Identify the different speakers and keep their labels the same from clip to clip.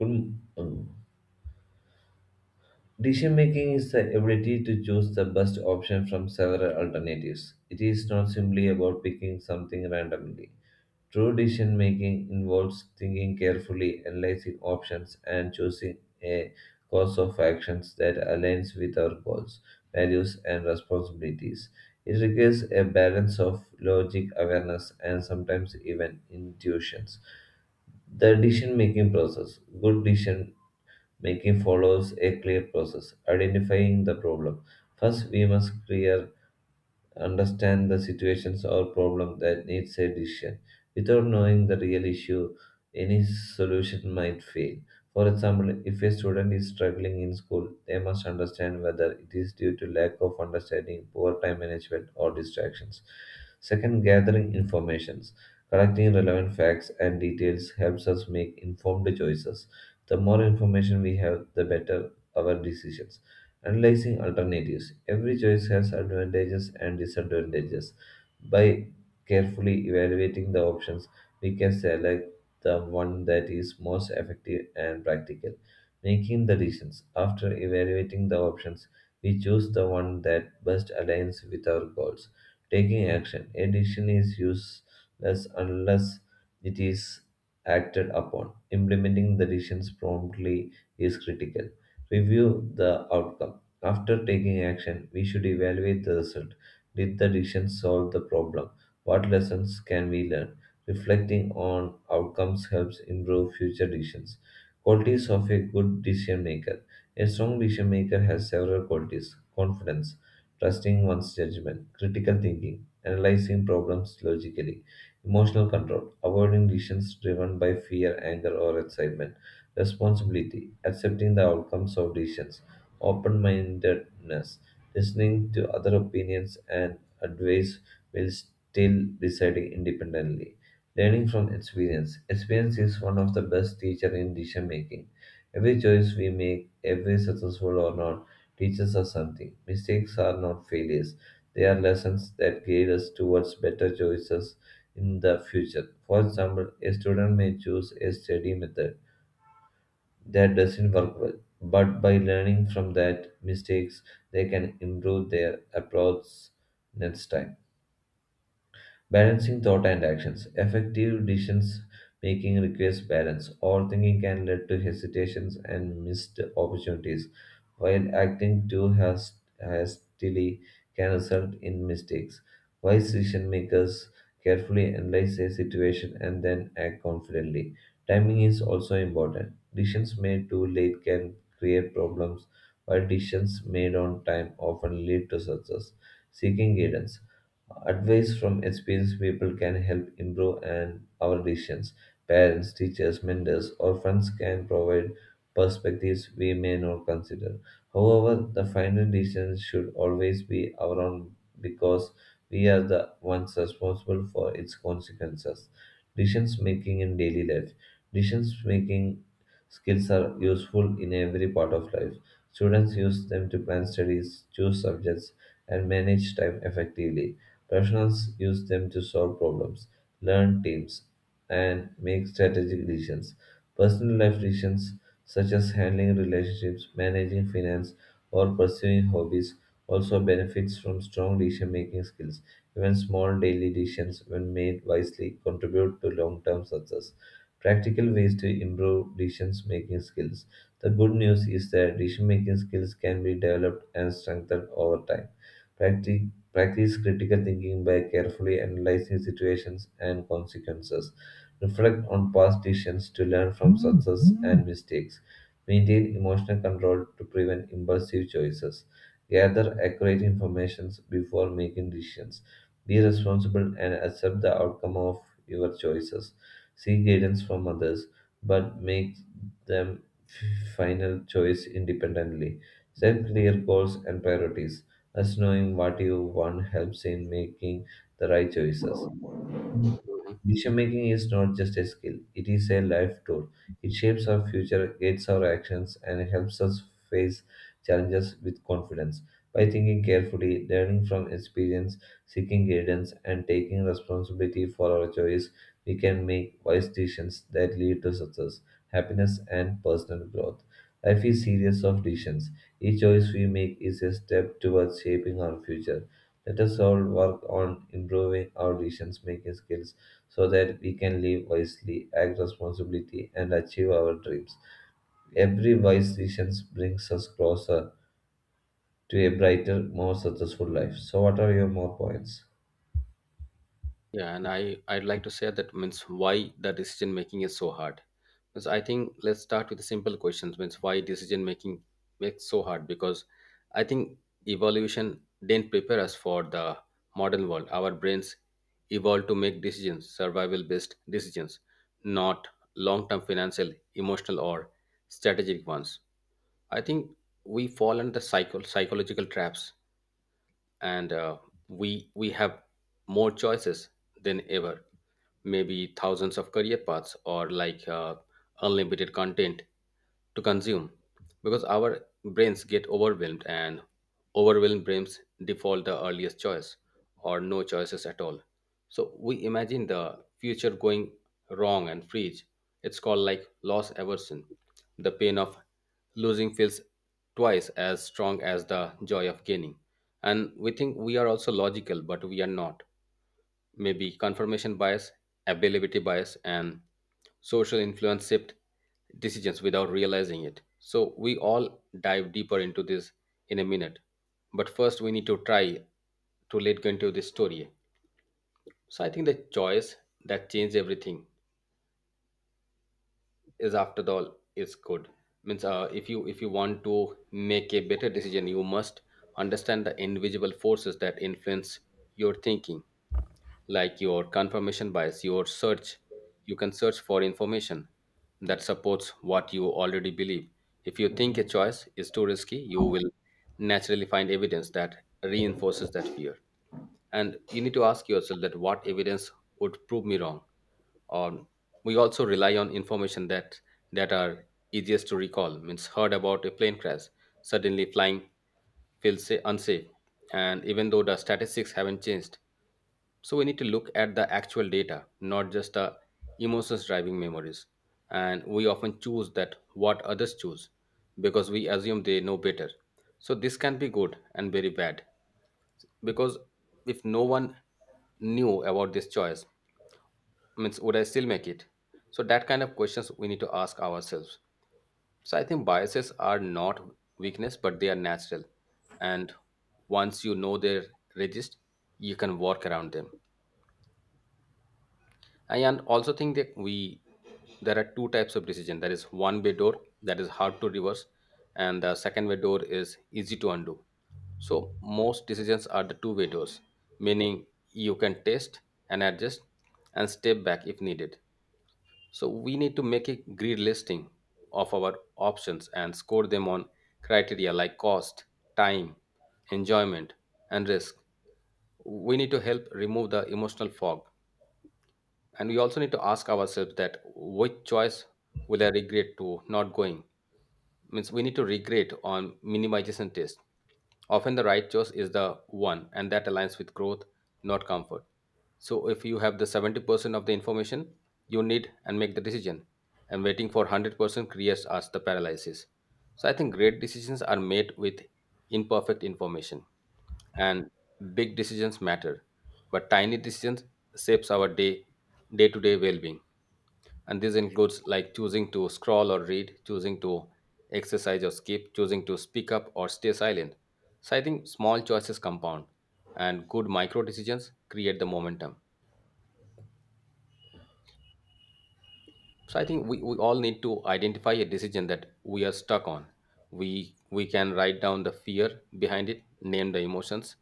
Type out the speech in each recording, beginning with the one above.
Speaker 1: Mm, mm. Decision making is the ability to choose the best option from several alternatives. It is not simply about picking something randomly. True decision making involves thinking carefully, analyzing options, and choosing a course of actions that aligns with our goals, values, and responsibilities. It requires a balance of logic, awareness, and sometimes even intuitions the decision making process. Good decision making follows a clear process, identifying the problem. First, we must clear understand the situations or problem that needs a decision. Without knowing the real issue, any solution might fail. For example, if a student is struggling in school, they must understand whether it is due to lack of understanding, poor time management, or distractions. Second, gathering informations. Collecting relevant facts and details helps us make informed choices. The more information we have, the better our decisions. Analyzing alternatives. Every choice has advantages and disadvantages. By carefully evaluating the options, we can select the one that is most effective and practical. Making the decisions. After evaluating the options, we choose the one that best aligns with our goals. Taking action. A decision is useless unless it is acted upon. Implementing the decisions promptly is critical. Review the outcome. After taking action, we should evaluate the result. Did the decision solve the problem? What lessons can we learn? Reflecting on outcomes helps improve future decisions. Qualities of a good decision maker. A strong decision maker has several qualities confidence, trusting one's judgment, critical thinking, analyzing problems logically, emotional control, avoiding decisions driven by fear, anger, or excitement, responsibility, accepting the outcomes of decisions open mindedness, listening to other opinions and advice while still deciding independently. Learning from experience. Experience is one of the best teacher in decision making. Every choice we make, every successful or not, teaches us something. Mistakes are not failures. They are lessons that guide us towards better choices in the future. For example, a student may choose a study method that doesn't work well. But by learning from that mistakes, they can improve their approach next time. Balancing thought and actions. Effective decisions making requires balance. Overthinking can lead to hesitations and missed opportunities, while hastily can result in mistakes. Wise decision makers carefully analyze a situation and then act confidently. Timing is also important. Decisions made too late can create problems, while decisions made on time often lead to success. Seeking guidance. Advice from experienced people can help improve and our decisions. Parents, teachers, mentors, or friends can provide perspectives we may not consider. However, the final decision should always be our own because we are the ones responsible for its consequences. Decisions making in daily life. Decisions making skills are useful in every part of life. Students use them to plan studies, choose subjects, and manage time effectively. Professionals use them to solve problems, learn teams, and make strategic decisions. Personal life decisions, such as handling relationships, managing finance, or pursuing hobbies, also benefits from strong decision making skills. Even small daily decisions, when made wisely, contribute to long term success. Practical ways to improve decision making skills. The good news is that decision making skills can be developed and strengthened over time. Practice critical thinking by carefully analyzing situations and consequences. Reflect on past decisions to learn from success and mistakes. Maintain emotional control to prevent impulsive choices. Gather accurate information before making decisions. Be responsible and accept the outcome of your choices. Seek guidance from others, but make final choice independently. Set clear goals and priorities as knowing what you want helps in making the right choices. Decision making is not just a skill, it is a life tool. It shapes our future, guides our actions, and helps us face challenges with confidence. By thinking carefully, learning from experience, seeking guidance, and taking responsibility for our choice, we can make wise decisions that lead to success, happiness, and personal growth. Life is series of decisions. Each choice we make is a step towards shaping our future. Let us all work on improving our decision making skills so that we can live wisely, act responsibly, and achieve our dreams. Every wise decision brings us closer to a brighter, more successful life. So, what are your more points?
Speaker 2: Yeah, and I'd like to say that means why the decision making is so hard. Because I think let's start with the simple questions. Means why decision making makes so hard? Because I think evolution didn't prepare us for the modern world. Our brains evolved to make decisions, survival based decisions, not long term financial, emotional, or strategic ones. I think we fall under the psychological traps and we have more choices than ever, maybe thousands of career paths or like unlimited content to consume, because our brains get overwhelmed, and overwhelmed brains default the earliest choice or no choices at all. So we imagine the future going wrong and freeze. It's called like loss aversion. The pain of losing feels twice as strong as the joy of gaining. And we think we are also logical, but we are not. Maybe confirmation bias, availability bias, and social influence shift decisions without realizing it. So we all dive deeper into this in a minute. But first, we need to try to let go into this story. So I think the choice that changed everything is after all is good. Means if you want to make a better decision, you must understand the invisible forces that influence your thinking, like your confirmation bias, your search. You can search for information that supports what you already believe. If you think a choice is too risky, you will naturally find evidence that reinforces that fear. And you need to ask yourself that what evidence would prove me wrong. Or we also rely on information that are easiest to recall. Means heard about a plane crash, suddenly flying feels unsafe. And even though the statistics haven't changed, so we need to look at the actual data, not just the emotions driving memories. And we often choose that what others choose because we assume they know better. So this can be good and very bad, because if no one knew about this choice, means would I still make it? So that kind of questions we need to ask ourselves. So I think biases are not weakness, but they are natural. And once you know their resist, you can work around them. I and also think that we there are two types of decision. There is one way door that is hard to reverse, and the second way door is easy to undo. So most decisions are the two-way doors, meaning you can test and adjust and step back if needed. So we need to make a grid listing of our options and score them on criteria like cost, time, enjoyment, and risk. We need to help remove the emotional fog, and we also need to ask ourselves that which choice will I regret to not going. Means we need to regrade on minimization test. Often the right choice is the one, and that aligns with growth, not comfort. So if you have the 70% of the information you need and make the decision, and waiting for 100% creates us the paralysis. So I think great decisions are made with imperfect information, and big decisions matter, but tiny decisions shapes our day, day to day well being, and this includes like choosing to scroll or read, choosing to exercise or skip, choosing to speak up or stay silent. So I think small choices compound, and good micro decisions create the momentum. So I think we all need to identify a decision that we are stuck on. We can write down the fear behind it, name the emotions,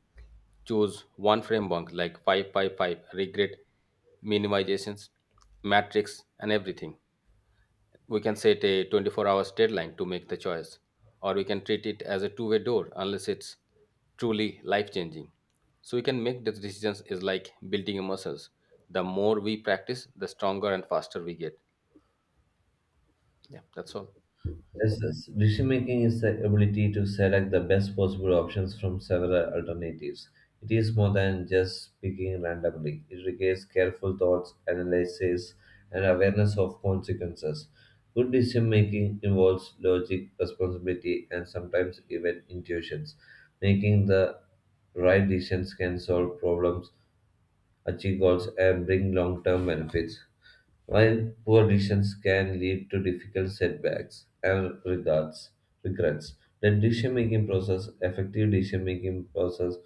Speaker 2: choose one framework like 555 regret minimizations matrix and everything. We can set a 24 hours deadline to make the choice, or we can treat it as a two-way door unless it's truly life changing. So we can make the decisions is like building a muscles. The more we practice, the stronger and faster we get. Yeah, that's all.
Speaker 1: Yes, yes. Decision making is the ability to select the best possible options from several alternatives. It is more than just picking randomly. It requires careful thoughts, analysis, and awareness of consequences. Good decision making involves logic, responsibility, and sometimes even intuitions. Making the right decisions can solve problems, achieve goals, and bring long term benefits. While poor decisions can lead to difficult setbacks and regards, regrets, the decision making process, effective decision making process,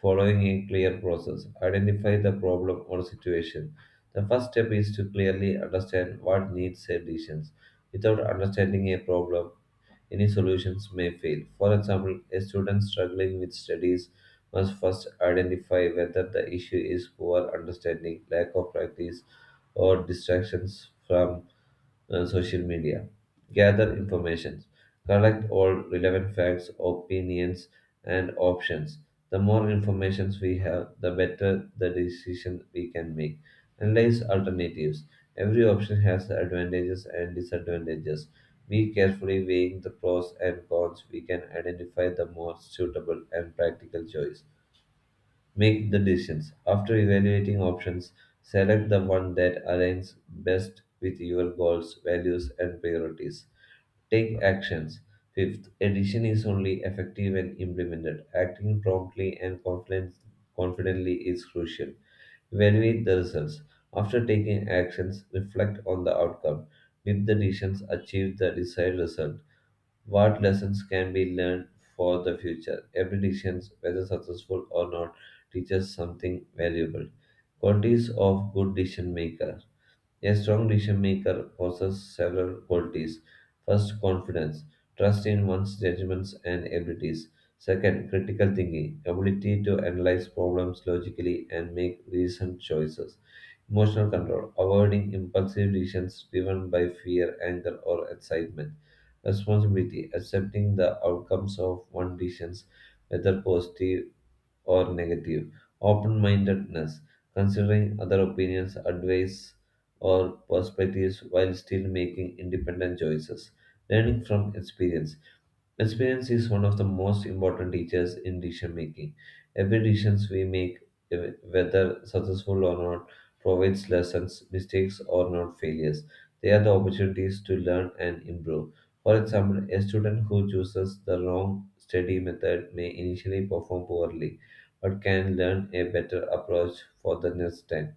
Speaker 1: following a clear process. Identify the problem or situation. The first step is to clearly understand what needs solutions. Without understanding a problem, any solutions may fail. For example, a student struggling with studies must first identify whether the issue is poor understanding, lack of practice, or distractions from social media. Gather information, collect all relevant facts, opinions, and options. The more information we have, the better the decision we can make. Analyze alternatives. Every option has advantages and disadvantages. Be carefully weighing the pros and cons. We can identify the most suitable and practical choice. Make the decisions. After evaluating options, select the one that aligns best with your goals, values, and priorities. Take actions. Fifth, addition is only effective when implemented. Acting promptly and confidently is crucial. Evaluate the results. After taking actions, reflect on the outcome. Did the decisions achieve the desired result? What lessons can be learned for the future? Every decision, whether successful or not, teaches something valuable. Qualities of good decision maker. A strong decision maker possesses several qualities. First, confidence, trust in one's judgments and abilities. Second, critical thinking, ability to analyze problems logically and make reasoned choices. Emotional control, avoiding impulsive decisions driven by fear, anger, or excitement. Responsibility, accepting the outcomes of one's decisions, whether positive or negative. Open mindedness, considering other opinions, advice, or perspectives while still making independent choices. Learning from experience. Experience is one of the most important teachers in decision making. Every decision we make, whether successful or not, provides lessons, mistakes or not failures. They are the opportunities to learn and improve. For example, a student who chooses the wrong study method may initially perform poorly, but can learn a better approach for the next time.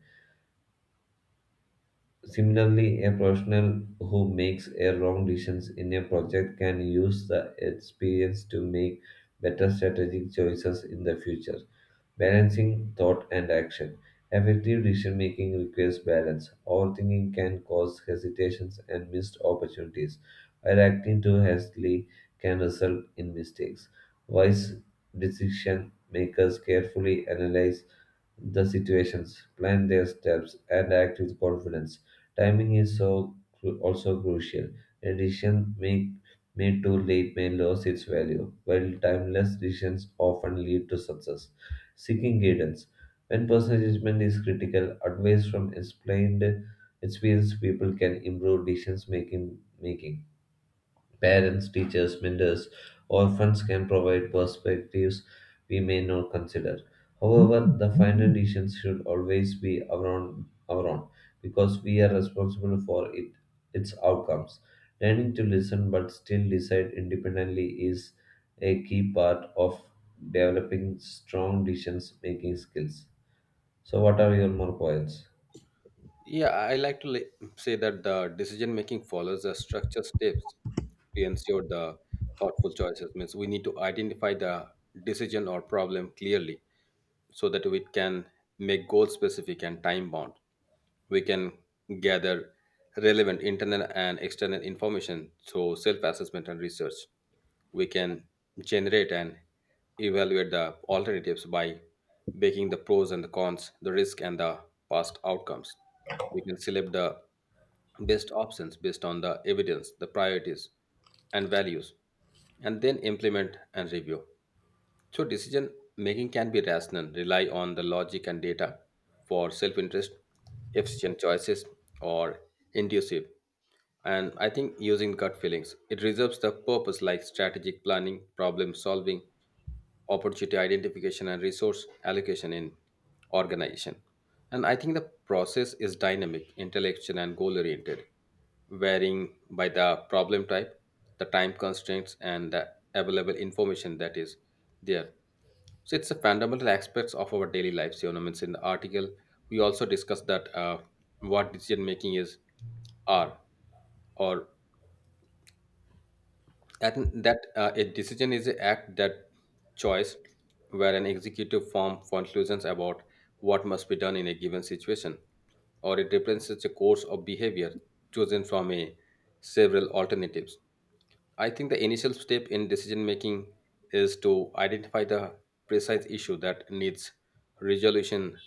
Speaker 1: Similarly, a professional who makes a wrong decision in a project can use the experience to make better strategic choices in the future. Balancing thought and action. Effective decision making requires balance. Overthinking can cause hesitations and missed opportunities, while acting too hastily can result in mistakes. Wise decision makers carefully analyze the situations, plan their steps, and act with confidence. Timing is also crucial. A decision make, made too late may lose its value, while timeless decisions often lead to success. Seeking guidance. When personal judgment is critical, advice from explained experienced people can improve decisions making. Making. Parents, teachers, mentors, or friends can provide perspectives we may not consider. However, the final decision should always be our own because we are responsible its outcomes. Learning to listen but still decide independently is a key part of developing strong decision making skills. So, what are your more points?
Speaker 2: Yeah, I like to say that the decision making follows a structured steps to ensure the thoughtful choices. Means we need to identify the decision or problem clearly so that we can make goal specific and time bound. We can gather relevant internal and external information through self assessment and research. We can generate and evaluate the alternatives by weighing the pros and the cons, the risk and the past outcomes. We can select the best options based on the evidence, the priorities, and values, and then implement and review. So decision making can be rational, rely on the logic and data for self-interest, efficient choices, or intuitive. And I think using gut feelings, it reserves the purpose like strategic planning, problem solving, opportunity identification, and resource allocation in organization. And I think the process is dynamic, intellectual, and goal oriented, varying by the problem type, the time constraints, and the available information that is there. So it's a fundamental aspects of our daily lives. You know, means in the article we also discussed that what decision making is, are, or that that a decision is an act that choice where an executive form conclusions about what must be done in a given situation, or it represents a course of behavior chosen from a several alternatives. I think the initial step in decision making is to identify the precise issue that needs resolution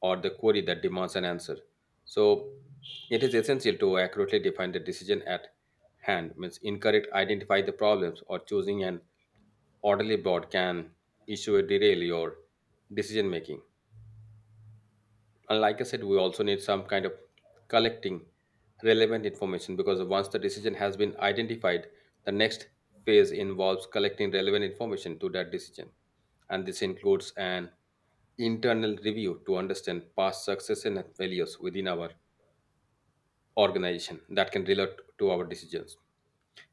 Speaker 2: or the query that demands an answer. So it is essential to accurately define the decision at hand. Means incorrect identify the problems or choosing an orderly board can issue a derail your decision making. And like I said, we also need some kind of collecting relevant information, because once the decision has been identified, the next phase involves collecting relevant information to that decision, and this includes an internal review to understand past success and failures within our organization that can relate to our decisions.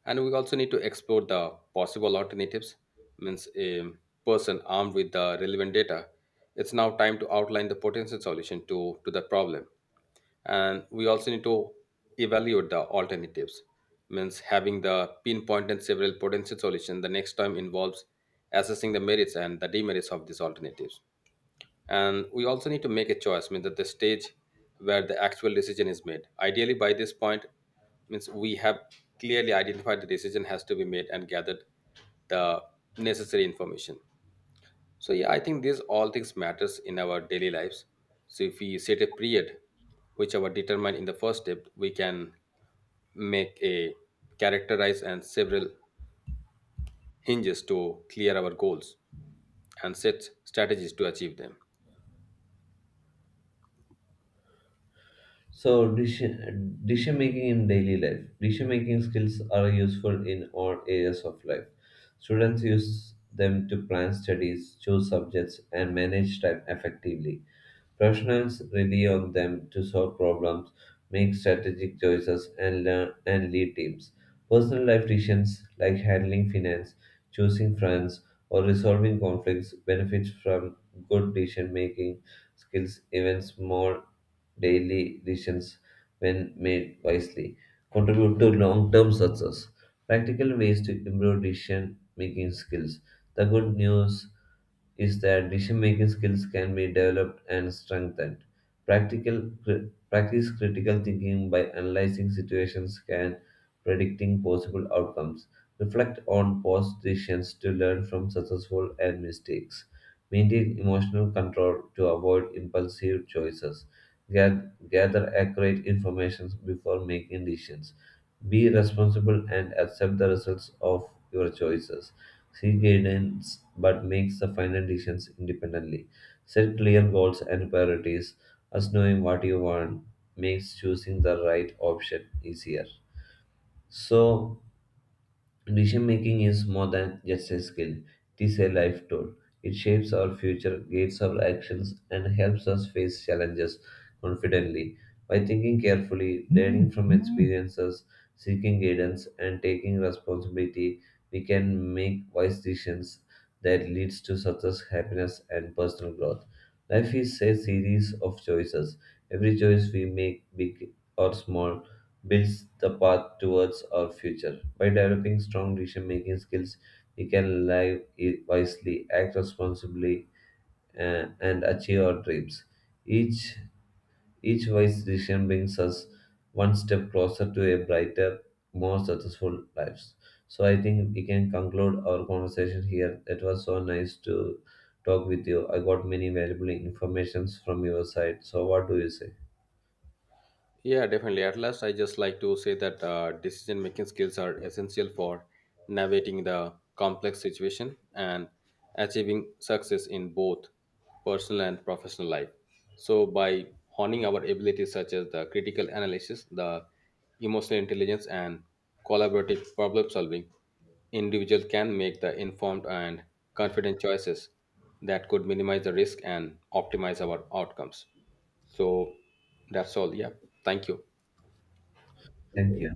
Speaker 2: And we also need to explore the possible alternatives. Means a person armed with the relevant data, it's now time to outline the potential solution to the problem. And we also need to evaluate the alternatives. Means having the pinpoint and several potential solution, the next time involves assessing the merits and the demerits of these alternatives. And we also need to make a choice. Means at the stage where the actual decision is made, ideally by this point, means we have clearly identified the decision has to be made and gathered the necessary information. So yeah, I think these all things matters in our daily lives. So if we set a period which our determine in the first step, we can make a characterize and several hinges to clear our goals and set strategies to achieve them.
Speaker 1: So decision making in daily life. Decision making skills are useful in all areas of life. Students use them to plan studies, choose subjects, and manage time effectively. Professionals rely on them to solve problems, make strategic choices, and learn and lead teams. Personal life decisions like handling finance, choosing friends, or resolving conflicts benefit from good decision making skills, even small daily decisions, when made wisely, contribute to long term success. Practical ways to improve decision making skills. The good news is that decision making skills can be developed and strengthened. Practice critical thinking by analyzing situations and predicting possible outcomes. Reflect on past decisions to learn from successful and mistakes. Maintain emotional control to avoid impulsive choices. Gather accurate information before making decisions. Be responsible and accept the results of your choices. Seek guidance but make the final decisions independently. Set clear goals and priorities, as knowing what you want makes choosing the right option easier. So, decision making is more than just a skill, it is a life tool. It shapes our future, guides our actions, and helps us face challenges confidently. By thinking carefully, learning from experiences, seeking guidance, and taking responsibility, we can make wise decisions that leads to success, happiness, and personal growth. Life is a series of choices. Every choice we make, big or small, builds the path towards our future. By developing strong decision making skills, we can wisely, act responsibly, and achieve our dreams. Each, each wise decision brings us one step closer to a brighter, more successful lives. So I think we can conclude our conversation here. It was so nice to talk with you. I got many valuable informations from your side. So what do you say?
Speaker 2: Yeah, definitely. At last, I just like to say that decision making skills are essential for navigating the complex situation and achieving success in both personal and professional life. So, by honing our abilities such as the critical analysis, the emotional intelligence, and collaborative problem solving, individual can make the informed and confident choices that could minimize the risk and optimize our outcomes. So that's all. Yeah. Thank you.
Speaker 1: Thank you.